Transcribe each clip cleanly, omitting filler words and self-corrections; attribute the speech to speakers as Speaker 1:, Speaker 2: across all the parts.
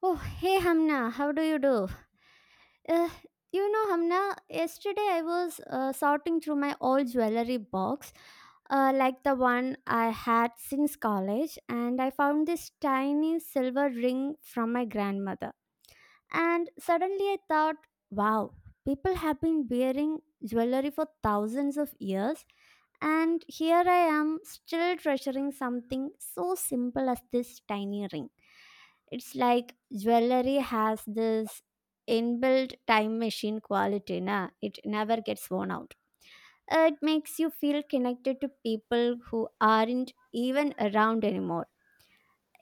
Speaker 1: Oh, hey Hamna, how do you do? Uh, Hamna, yesterday I was sorting through my old jewelry box, like the one I had since college, and I found this tiny silver ring from my grandmother. And suddenly I thought, wow, people have been wearing jewelry for thousands of years, and here I am, still treasuring something so simple as this tiny ring. It's like jewelry has this inbuilt time machine quality, na? It never gets worn out. It makes you feel connected to people who aren't even around anymore.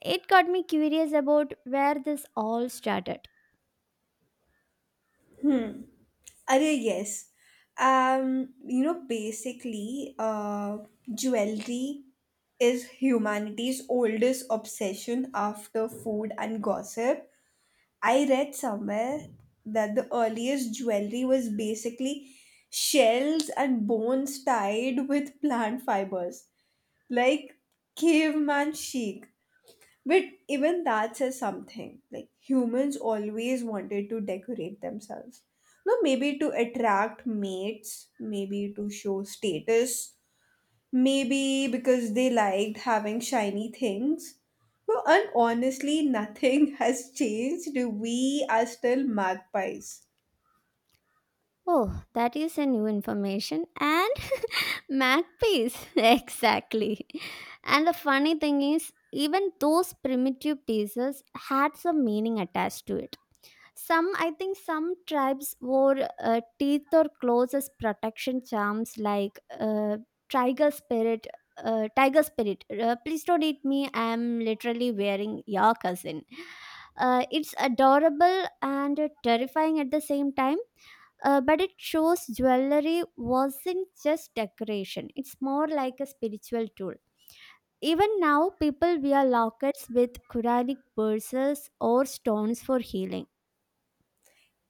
Speaker 1: It got me curious about where this all started.
Speaker 2: Hmm. Array, yes. Basically, jewelry is humanity's oldest obsession after food and gossip. I read somewhere that the earliest jewelry was basically shells and bones tied with plant fibers, like caveman chic. But even that says something. Like humans always wanted to decorate themselves. No, maybe to attract mates, maybe to show status, maybe because they liked having shiny things. No, and honestly, nothing has changed. We are still magpies.
Speaker 1: Oh, that is a new information. And matte piece. exactly. And the funny thing is, even those primitive pieces had some meaning attached to it. Some, I think some tribes wore teeth or claws as protection charms, like tiger spirit tiger spirit, please don't eat me, I am literally wearing your cousin. It's adorable and terrifying at the same time. But it shows jewelry wasn't just decoration, it's more like a spiritual tool. Even now people wear lockets with quranic verses or stones for healing.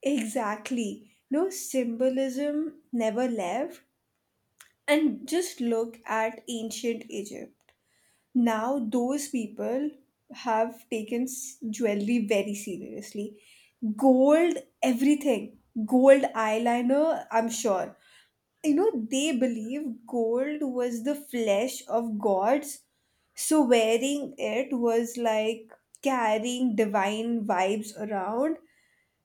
Speaker 2: Exactly. No, symbolism never left. And just look at ancient Egypt. Now those people have taken jewelry very seriously. Gold everything, gold eyeliner, I'm sure. You know, they believe gold was the flesh of gods, so wearing it was like carrying divine vibes around.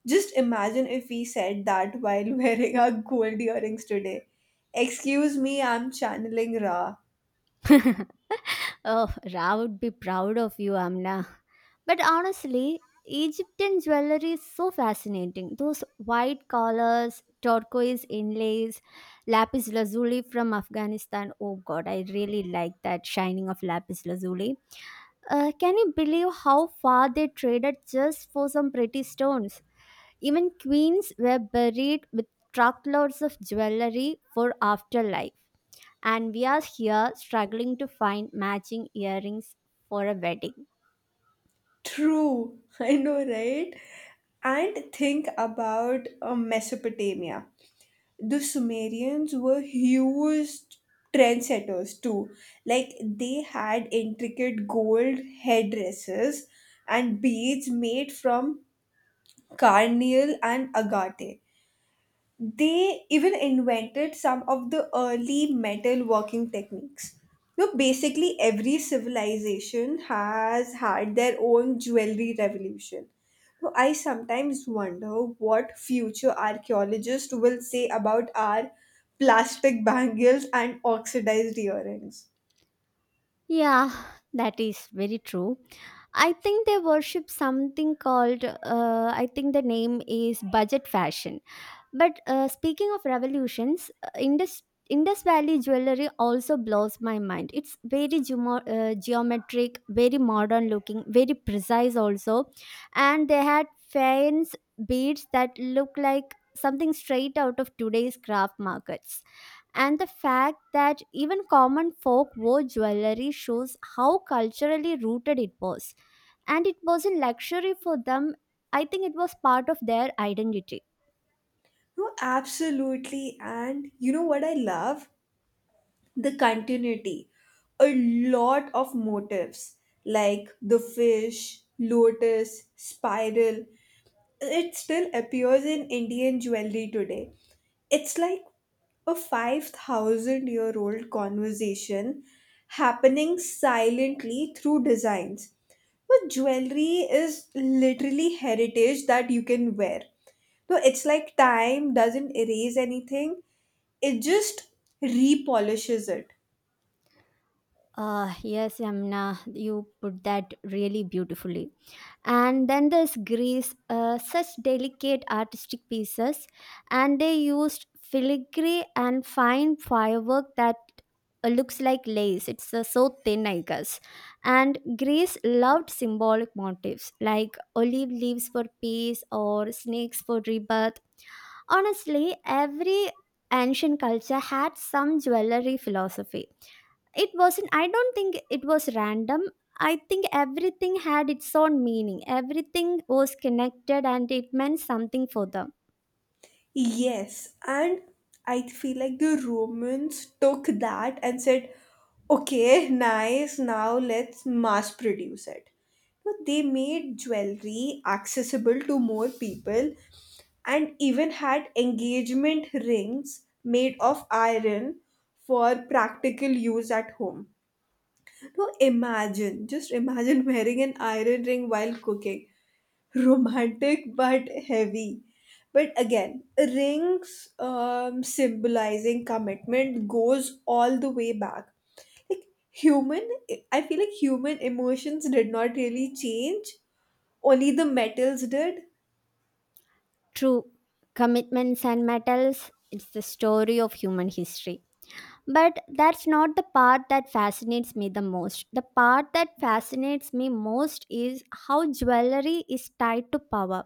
Speaker 2: Just imagine if we said that while wearing our gold earrings today. Excuse me, I'm channeling Ra.
Speaker 1: Oh, Ra would be proud of you, Amna. But honestly, Egyptian jewelry is so fascinating. Those white collars, turquoise inlays, lapis lazuli from Afghanistan. Oh god, I really like that shining of lapis lazuli. Can you believe how far they traded just for some pretty stones? Even queens were buried with truckloads of jewelry for afterlife, and we are here struggling to find matching earrings for a wedding.
Speaker 2: True, I know, right? And think about Mesopotamia. The Sumerians were huge trendsetters too. Like they had intricate gold headdresses and beads made from carnelian and agate. They even invented some of the early metal working techniques. You know, basically, every civilization has had their own jewelry revolution. So I sometimes wonder what future archaeologists will say about our plastic bangles and oxidized earrings.
Speaker 1: Yeah, that is very true. I think they worship something called, I think the name is budget fashion. But speaking of revolutions, Indus Valley jewelry also blows my mind. It's very geometric, very modern looking, very precise also, and they had fans beads that look like something straight out of today's craft markets. And the fact that even common folk wore jewelry shows how culturally rooted it was, and it wasn't luxury for them. I think it was part of their identity.
Speaker 2: No, absolutely. And you know what I love? The continuity. A lot of motifs like the fish, lotus, spiral, it still appears in Indian jewelry today. It's like a 5,000 year old conversation happening silently through designs. But jewelry is literally heritage that you can wear, so it's like time doesn't erase anything, it just repolishes it.
Speaker 1: Yes, Yamna, you put that really beautifully. And then there's Greece, such delicate artistic pieces, and they used filigree and fine firework that looks like lace. It's so thin, I guess. And Greece loved symbolic motifs like olive leaves for peace or snakes for rebirth. Honestly, every ancient culture had some jewelry philosophy. It wasn't, I don't think it was random. I think everything had its own meaning, everything was connected and it meant something for them.
Speaker 2: Yes, and I feel like the Romans took that and said, okay, nice, now let's mass produce it. So they made jewelry accessible to more people and even had engagement rings made of iron for practical use at home. So imagine, just imagine wearing an iron ring while cooking. Romantic but heavy. But again, rings symbolizing commitment goes all the way back. Like human, I feel like human emotions did not really change, only the metals did.
Speaker 1: True. Commitments and metals, it's the story of human history. But that's not the part that fascinates me the most. The part that fascinates me most is how jewelry is tied to power.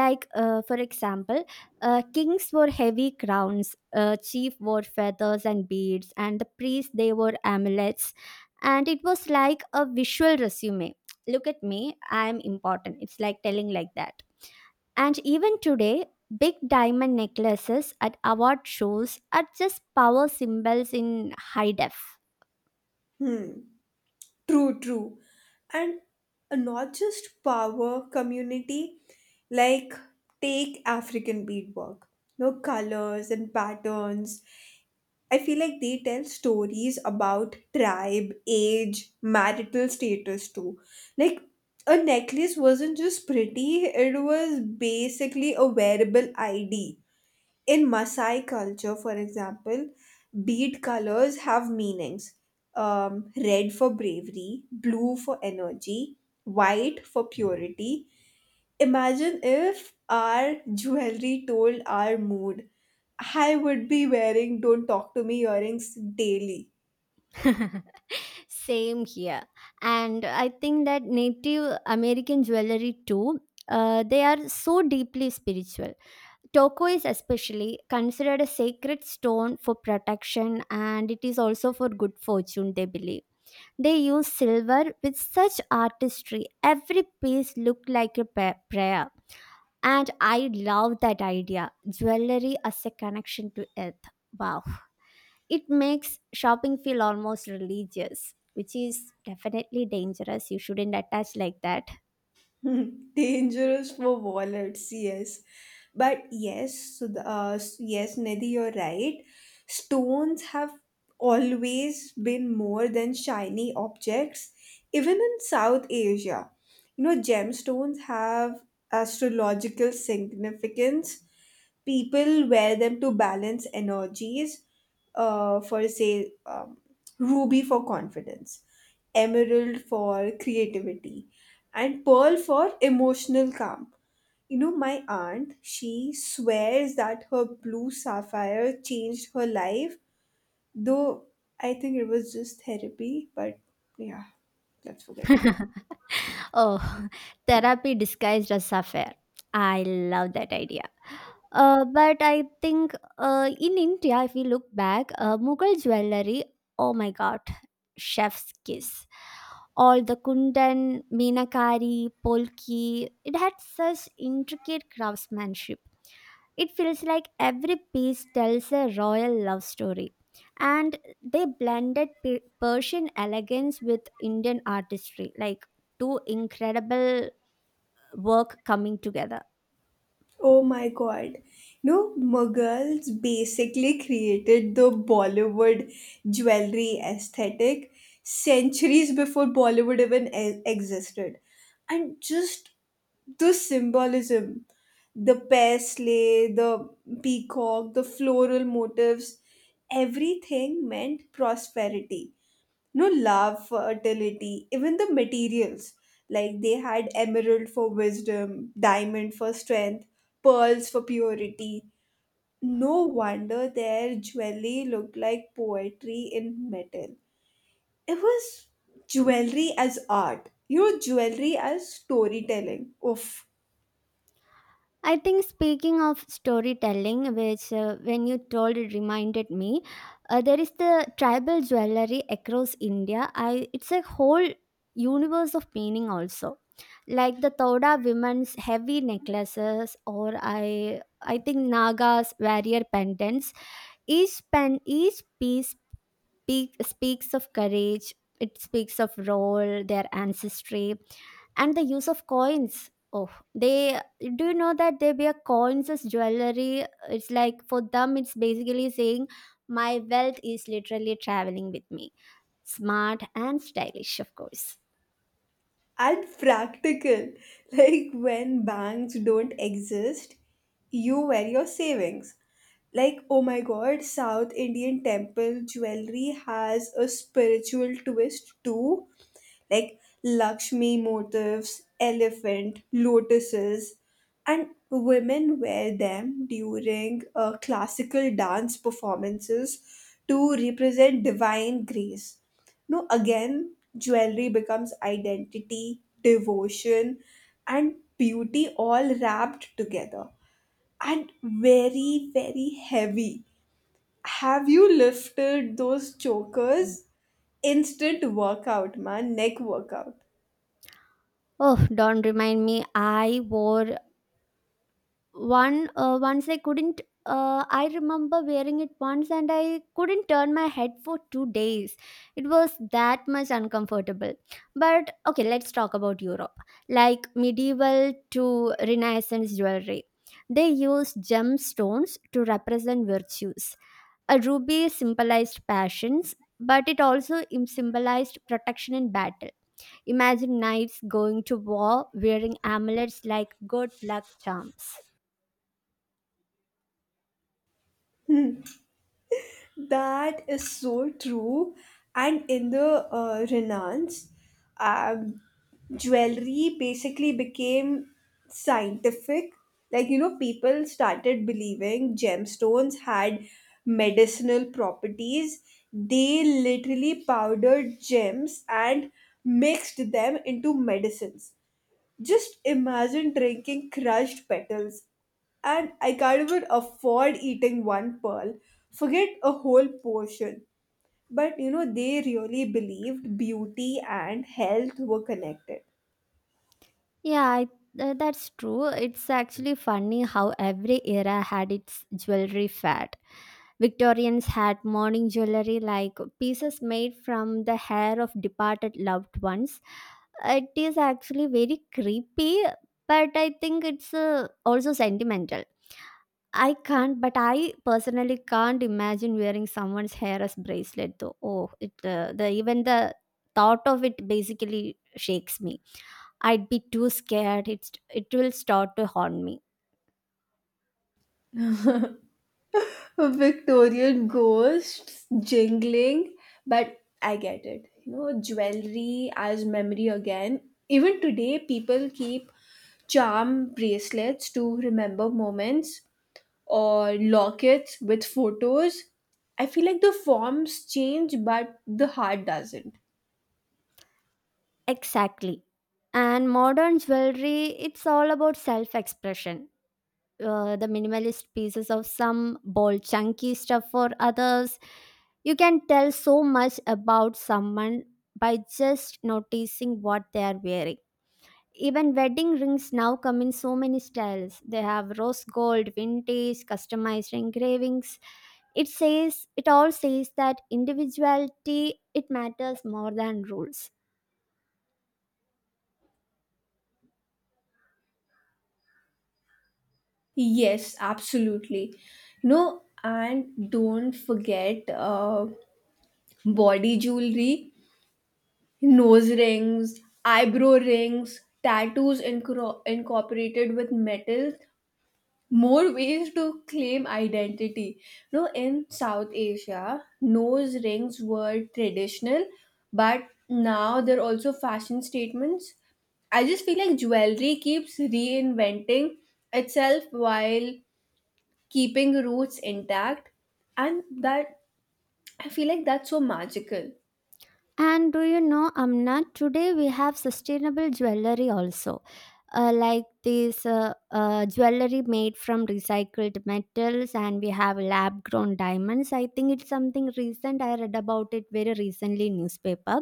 Speaker 1: Like, for example, kings wore heavy crowns, chief wore feathers and beads, and the priests they wore amulets, and it was like a visual resume. Look at me, I am important. It's like telling like that. And even today, big diamond necklaces at award shows are just power symbols in high def.
Speaker 2: Hmm. True, true. And not just power, community, like take African beadwork. No, colors and patterns, I feel like they tell stories about tribe, age, marital status too. Like a necklace wasn't just pretty, it was basically a wearable ID. In Maasai culture, for example, bead colors have meanings. Red for bravery, blue for energy, white for purity. Imagine if our jewelry told our mood. I would be wearing don't talk to me earrings daily.
Speaker 1: Same here. And I think that Native American jewelry too, they are so deeply spiritual. Turquoise, especially, considered a sacred stone for protection and it is also for good fortune, they believe. They use silver with such artistry. Every piece looked like a prayer. And I love that idea, jewelry as a connection to earth. Wow. It makes shopping feel almost religious, which is definitely dangerous. You shouldn't attach like that.
Speaker 2: Dangerous for wallets, yes. But yes, so yes, Nidhi, you're right. Stones have always been more than shiny objects, even in South Asia. You know, gemstones have astrological significance. People wear them to balance energies, for say, ruby for confidence, emerald for creativity, and pearl for emotional calm. You know, my aunt, she swears that her blue sapphire changed her life, though I think it was just therapy. But yeah, let's forget about.
Speaker 1: Oh, therapy disguised as affair. I love that idea. But I think in India, if we look back, Mughal jewelry, oh my god, chef's kiss. All the kundan, meenakari, polki, it had such intricate craftsmanship. It feels like every piece tells a royal love story. And they blended Persian elegance with Indian artistry, like two incredible work coming together.
Speaker 2: Oh my god. No, Mughals basically created the Bollywood jewelry aesthetic centuries before Bollywood even existed. And just the symbolism, the paisley, the peacock, the floral motifs, everything meant prosperity, no, love, fertility, even the materials. Like they had emerald for wisdom, diamond for strength, pearls for purity. No wonder their jewelry looked like poetry in metal. It was jewelry as art, you know, jewelry as storytelling. Oof.
Speaker 1: I think speaking of storytelling, which, when you told it reminded me, there is the tribal jewelry across India. I It's a whole universe of meaning also, like the Thoda women's heavy necklaces or, I think Naga's warrior pendants. Each piece speaks of courage. It speaks of role, their ancestry, and the use of coins. Oh, they, do you know that they wear coins as jewelry? It's like for them, it's basically saying my wealth is literally traveling with me. Smart and stylish, of course.
Speaker 2: And practical. Like when banks don't exist, you wear your savings. Like, oh my god, South Indian temple jewelry has a spiritual twist too. Like Lakshmi motifs, elephant, lotuses, and women wear them during classical dance performances to represent divine grace. No, again, jewelry becomes identity, devotion, and beauty all wrapped together, and very, very heavy. Have you lifted those chokers? Instant workout, man, neck workout.
Speaker 1: Oh, don't remind me. I wore one once I couldn't I remember wearing it once and I couldn't turn my head for 2 days. It was that much uncomfortable. But okay, let's talk about Europe, like medieval to renaissance jewelry. They used gemstones to represent virtues. A ruby symbolized passions, but it also symbolized protection in battle. Imagine knights going to war wearing amulets like good luck charms.
Speaker 2: That is so true. And in the Renaissance, um, jewelry basically became scientific. Like, you know, people started believing gemstones had medicinal properties. They literally powdered gems and mixed them into medicines. Just imagine drinking crushed petals. And I can't even afford eating one pearl. Forget a whole portion. But you know, they really believed beauty and health were connected.
Speaker 1: Yeah, that's true. It's actually funny how every era had its jewelry fad. Victorians had morning jewelry like pieces made from the hair of departed loved ones. It is actually very creepy, but I think it's also sentimental. I personally can't imagine wearing someone's hair as bracelet though. Oh, it the even the thought of it basically shakes me. I'd be too scared. It will start to haunt me.
Speaker 2: Victorian ghosts jingling, but I get it. You know, jewelry as memory again. Even today, people keep charm bracelets to remember moments, or lockets with photos. I feel like the forms change, but the heart doesn't.
Speaker 1: Exactly. And modern jewelry, it's all about self-expression. The minimalist pieces of some bold, chunky stuff for others. You can tell so much about someone by just noticing what they are wearing. Even wedding rings now come in so many styles. They have rose gold, vintage, customized engravings. It all says that individuality, it matters more than rules.
Speaker 2: Yes, absolutely. You know, and don't forget body jewelry. Nose rings, eyebrow rings, tattoos incorporated with metal, more ways to claim identity. No, in South Asia, nose rings were traditional, but now they're also fashion statements. I just feel like jewelry keeps reinventing itself while keeping roots intact, and that, I feel like that's so magical.
Speaker 1: And do you know, Amna, today we have sustainable jewelry also. Like this jewelry made from recycled metals, and we have lab grown diamonds. I think it's something recent. I read about it very recently in newspaper.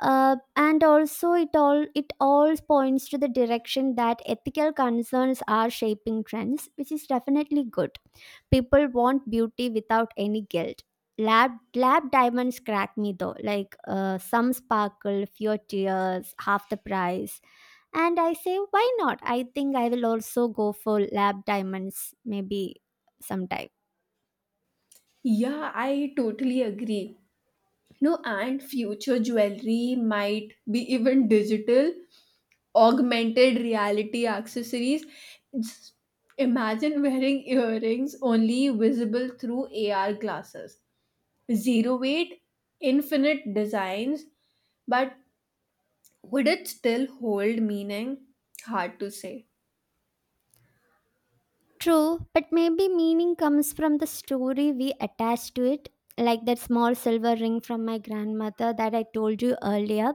Speaker 1: And also, it all points to the direction that ethical concerns are shaping trends, which is definitely good. People want beauty without any guilt. Lab lab diamonds crack me though, like, some sparkle, few tears, half the price. And I say why not. I think I will also go for lab diamonds maybe sometime.
Speaker 2: Yeah, I totally agree. No, and future jewelry might be even digital, augmented reality accessories. Just imagine wearing earrings only visible through AR glasses. Zero weight, infinite designs, but would it still hold meaning? Hard to say.
Speaker 1: True, but maybe meaning comes from the story we attach to it. Like that small silver ring from my grandmother that I told you earlier,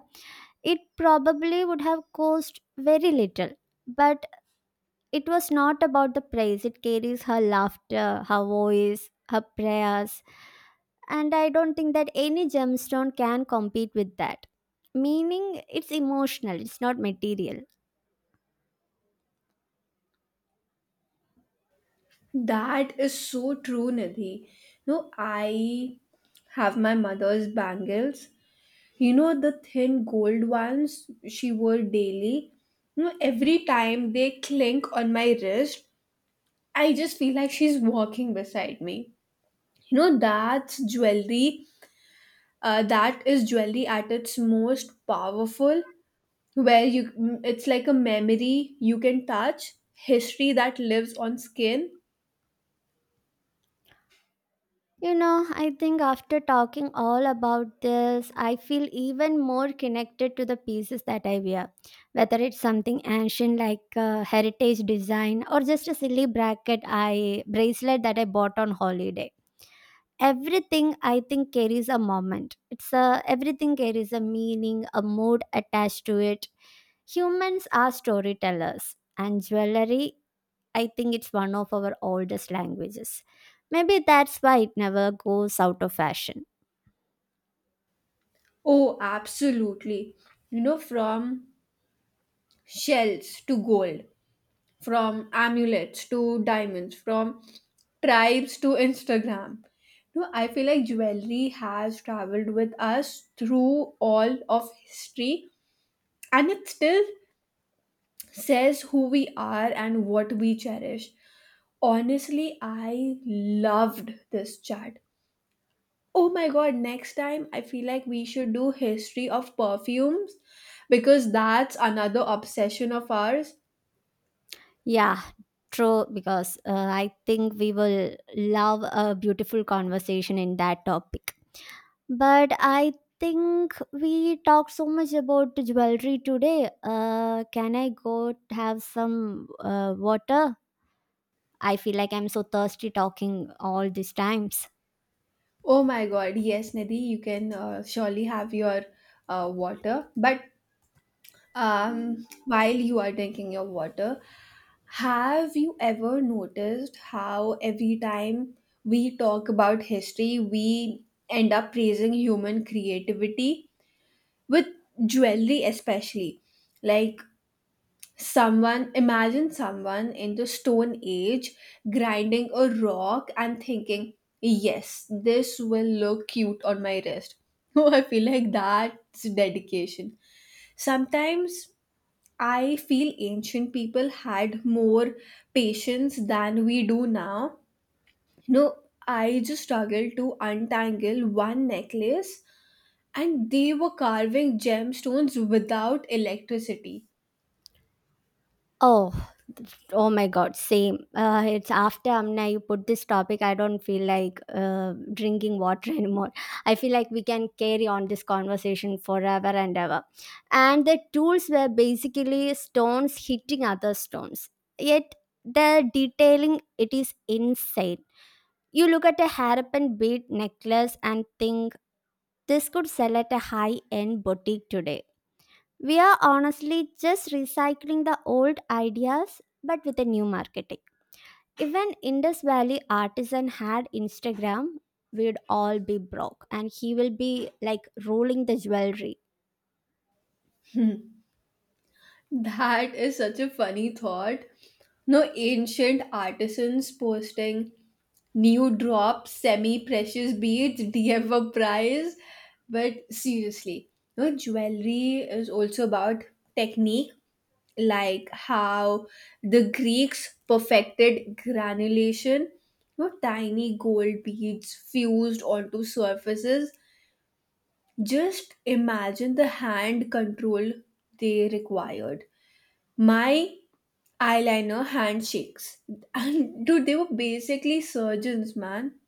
Speaker 1: it probably would have cost very little. But it was not about the praise, it carries her laughter, her voice, her prayers. And I don't think that any gemstone can compete with that. Meaning, it's emotional, it's not material.
Speaker 2: That is so true, Nidhi. No, I have my mother's bangles, you know, the thin gold ones she wore daily. You know, every time they clink on my wrist, I just feel like she's walking beside me. You know, that's jewelry, that is jewelry at its most powerful, where you it's like a memory you can touch, history that lives on skin.
Speaker 1: You know, I think after talking all about this, I feel even more connected to the pieces that I wear. Whether it's something ancient like a heritage design or just a silly bracket I bracelet that I bought on holiday. Everything, I think, carries a moment. It's a Everything carries a meaning, a mood attached to it. Humans are storytellers, and jewelry, I think it's one of our oldest languages. Maybe that's why it never goes out of fashion.
Speaker 2: Oh, absolutely. You know, from shells to gold, from amulets to diamonds, from tribes to Instagram. No, I feel like jewelry has traveled with us through all of history, and it still says who we are and what we cherish. Honestly, I loved this chat. Oh my god, next time I feel like we should do history of perfumes, because that's another obsession of ours.
Speaker 1: Yeah, true, because I think we will love a beautiful conversation in that topic. But I think we talked so much about jewelry today. Can I go have some water? I feel like I'm so thirsty talking all these times.
Speaker 2: Oh my God, yes, Nidhi, you can surely have your water. But while you are drinking your water, have you ever noticed how every time we talk about history, we end up praising human creativity with jewelry, especially? Like, Someone imagine someone in the stone age grinding a rock and thinking, "Yes, this will look cute on my wrist." Oh, I feel like that's dedication. Sometimes I feel ancient people had more patience than we do now. No, I just struggled to untangle one necklace, and they were carving gemstones without electricity.
Speaker 1: Oh, oh my God, same. It's after Amna you put this topic, I don't feel like drinking water anymore. I feel like we can carry on this conversation forever and ever. And the tools were basically stones hitting other stones. Yet the detailing, it is insane. You look at a hairpin bead necklace and think this could sell at a high end boutique today. We are honestly just recycling the old ideas but with a new marketing. Even Indus Valley artisan had Instagram, we'd all be broke. And he will be like rolling the jewelry.
Speaker 2: That is such a funny thought. No, ancient artisans posting new drop semi precious beads DF prize. But seriously, no, jewelry is also about technique, like how the Greeks perfected granulation, no, tiny gold beads fused onto surfaces. Just imagine the hand control they required. My eyeliner handshakes, and dude, they were basically surgeons, man.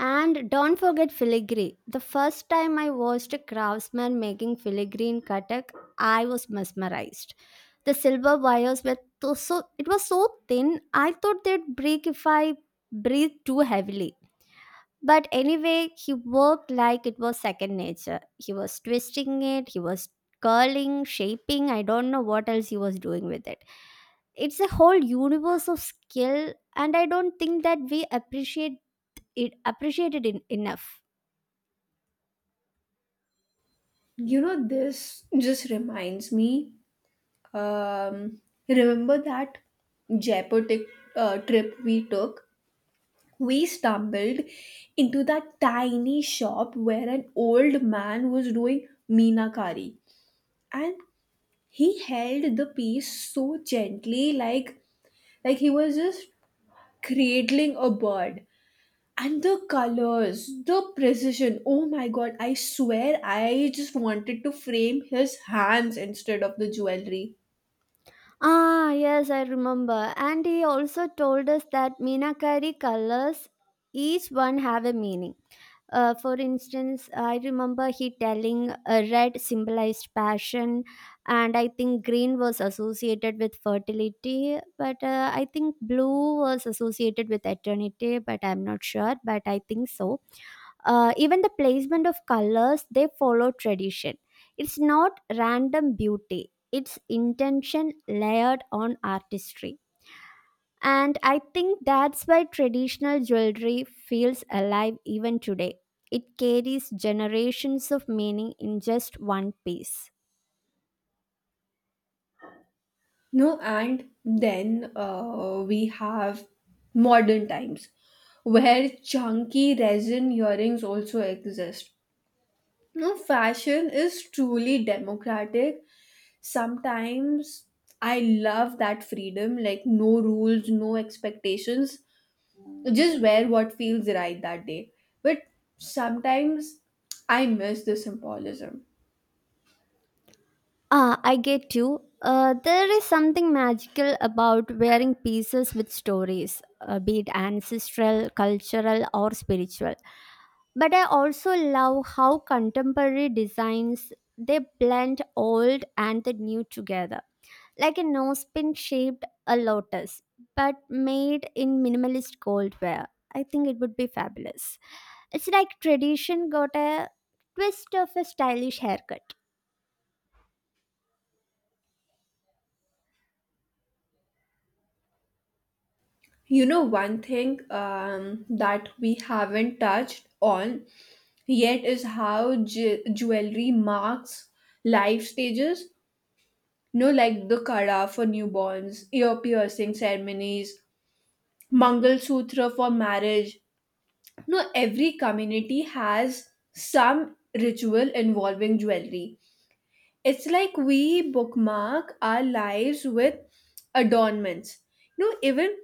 Speaker 1: And don't forget filigree. The first time I watched a craftsman making filigree in Katak, I was mesmerized. The silver wires were tho- so it was so thin. I thought they'd break if I breathed too heavily. But anyway, he worked like it was second nature. He was twisting it, he was curling, shaping. I don't know what else he was doing with it. It's a whole universe of skill, and I don't think that we appreciated it enough.
Speaker 2: You know, this just reminds me, um remember that Jaipur trip we took? We stumbled into that tiny shop where an old man was doing meenakari, and he held the piece so gently, like he was just cradling a bird. And the colors, the precision. Oh my god, I swear I just wanted to frame his hands instead of the jewelry.
Speaker 1: Ah, yes, I remember. And he also told us that Meenakari colors, each one have a meaning. For instance, I remember he telling, red symbolized passion, and I think green was associated with fertility, but I think blue was associated with eternity, but I'm not sure, but I think so. Even the placement of colors, they follow tradition. It's not random beauty, it's intention layered on artistry. And I think that's why traditional jewelry feels alive even today. It carries generations of meaning in just one piece.
Speaker 2: No, and then we have modern times where chunky resin earrings also exist. No, fashion is truly democratic. Sometimes I love that freedom, like no rules, no expectations. Just wear what feels right that day. But sometimes I miss the symbolism.
Speaker 1: Ah, I get you. There is something magical about wearing pieces with stories, be it ancestral, cultural, or spiritual. But I also love how contemporary designs, they blend old and the new together. Like a nose pin shaped a lotus, but made in minimalist gold wear. I think it would be fabulous. It's like tradition got a twist of a stylish haircut.
Speaker 2: You know, one thing that we haven't touched on yet is how jewelry marks life stages. You know, like the kara for newborns, ear piercing ceremonies, Mangal Sutra for marriage. No, every community has some ritual involving jewelry. It's like we bookmark our lives with adornments. You know, even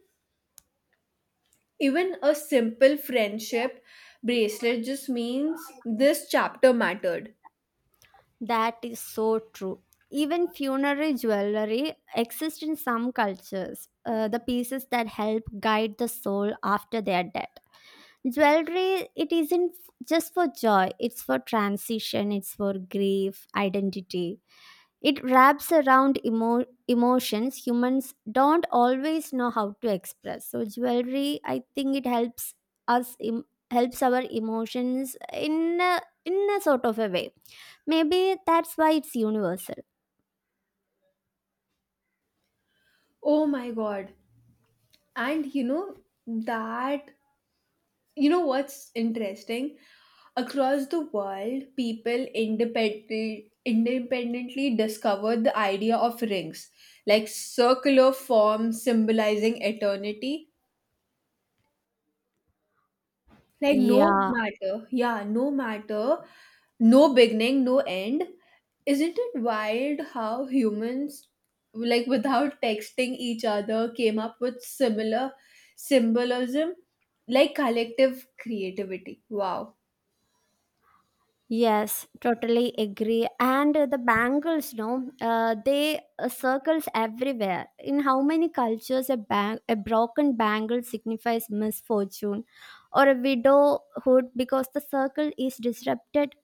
Speaker 2: even a simple friendship bracelet just means this chapter mattered.
Speaker 1: That is so true. Even funerary jewelry exists in some cultures, the pieces that help guide the soul after they are dead. Jewelry, it isn't just for joy, it's for transition, it's for grief, identity. It wraps around emotions humans don't always know how to express. So jewelry, I think it us Im- helps our emotions in a sort of a way. Maybe that's why it's universal.
Speaker 2: Oh my god. And that you know what's interesting? Across the world, people independently discovered the idea of rings, like circular forms symbolizing eternity. Like no
Speaker 1: Yeah.
Speaker 2: matter, yeah, no matter, no beginning, no end. Isn't it wild how humans, like without texting each other, came up with similar symbolism, like collective creativity? Wow.
Speaker 1: Yes, totally agree. And the bangles, no, they circles everywhere. In how many cultures, a broken bangle signifies misfortune, or a widowhood because the circle is disrupted.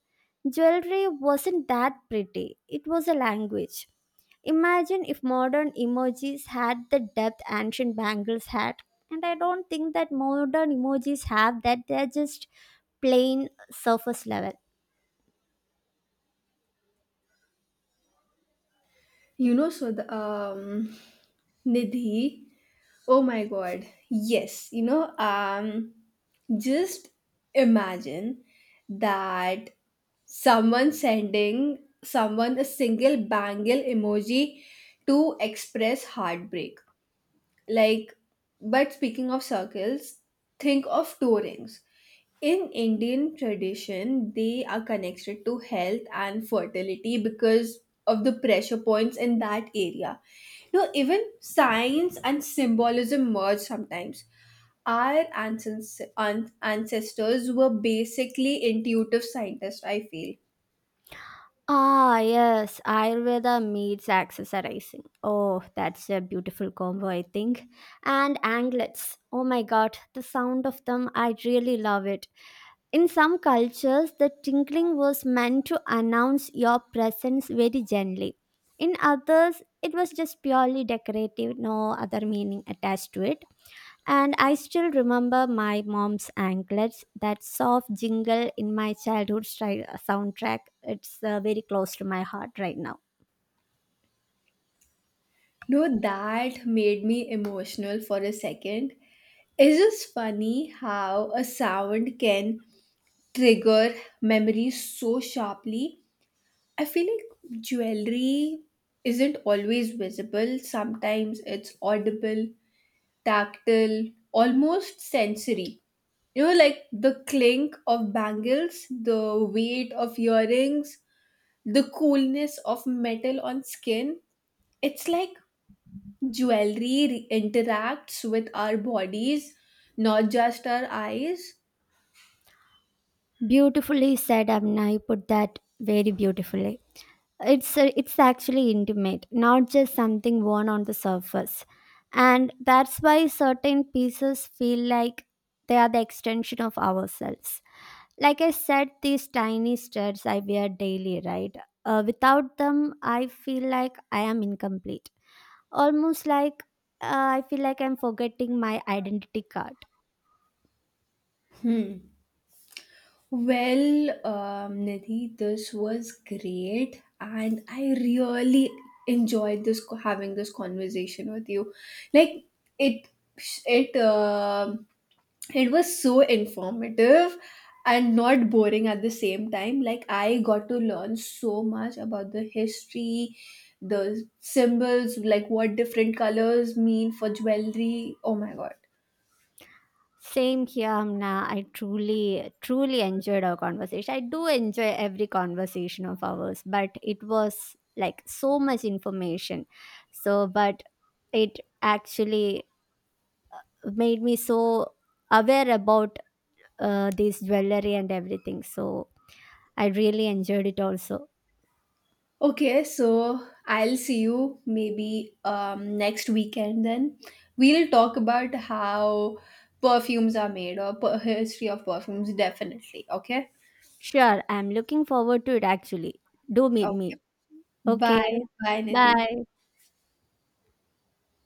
Speaker 1: Jewelry wasn't that pretty; it was a language. Imagine if modern emojis had the depth ancient bangles had. And I don't think that modern emojis have that. They're just plain surface level.
Speaker 2: You know, so the Nidhi, oh my god. Yes, just imagine that someone sending someone a single bangle emoji to express heartbreak. Like, but speaking of circles, think of two rings. In Indian tradition, they are connected to health and fertility because of the pressure points in that area. You know, even science and symbolism merge sometimes. Our ancestors were basically intuitive scientists, I feel.
Speaker 1: Ah, yes, Ayurveda meets accessorizing. Oh, that's a beautiful combo, I think. And anglets. Oh my god, the sound of them, I really love it. In some cultures, the tinkling was meant to announce your presence very gently. In others, it was just purely decorative, no other meaning attached to it. And I still remember my mom's anklets, that soft jingle in my childhood soundtrack. It's very close to my heart right now.
Speaker 2: No, that made me emotional for a second. It's just funny how a sound can trigger memories so sharply. I feel like jewelry isn't always visible. Sometimes it's audible, tactile, almost sensory. You know, like the clink of bangles, the weight of earrings, the coolness of metal on skin. It's like jewelry interacts with our bodies, not just our eyes.
Speaker 1: Beautifully said, Amna. You put that very beautifully. It's actually intimate, not just something worn on the surface. And that's why certain pieces feel like they are the extension of ourselves. Like I said, these tiny studs I wear daily, right? Without them, I feel like I am incomplete. Almost like, I feel like I'm forgetting my identity card.
Speaker 2: Hmm. Well, Nidhi, this was great, and I really enjoyed this having this conversation with you. Like it, it it was so informative and not boring at the same time. Like I got to learn so much about the history, the symbols, like what different colors mean for jewelry. Oh my god!
Speaker 1: Same here, Amna. I truly, truly enjoyed our conversation. I do enjoy every conversation of ours, but it was like so much information. So, but it actually made me so aware about this jewelry and everything. So, I really enjoyed it also.
Speaker 2: Okay, so I'll see you maybe next weekend then. We'll talk about how perfumes are made, or history of perfumes, definitely. Okay?
Speaker 1: Sure, I'm looking forward to it actually. Do meet
Speaker 2: Okay.
Speaker 1: me. Okay,
Speaker 2: Bye. Bye, Nidhi.
Speaker 1: bye.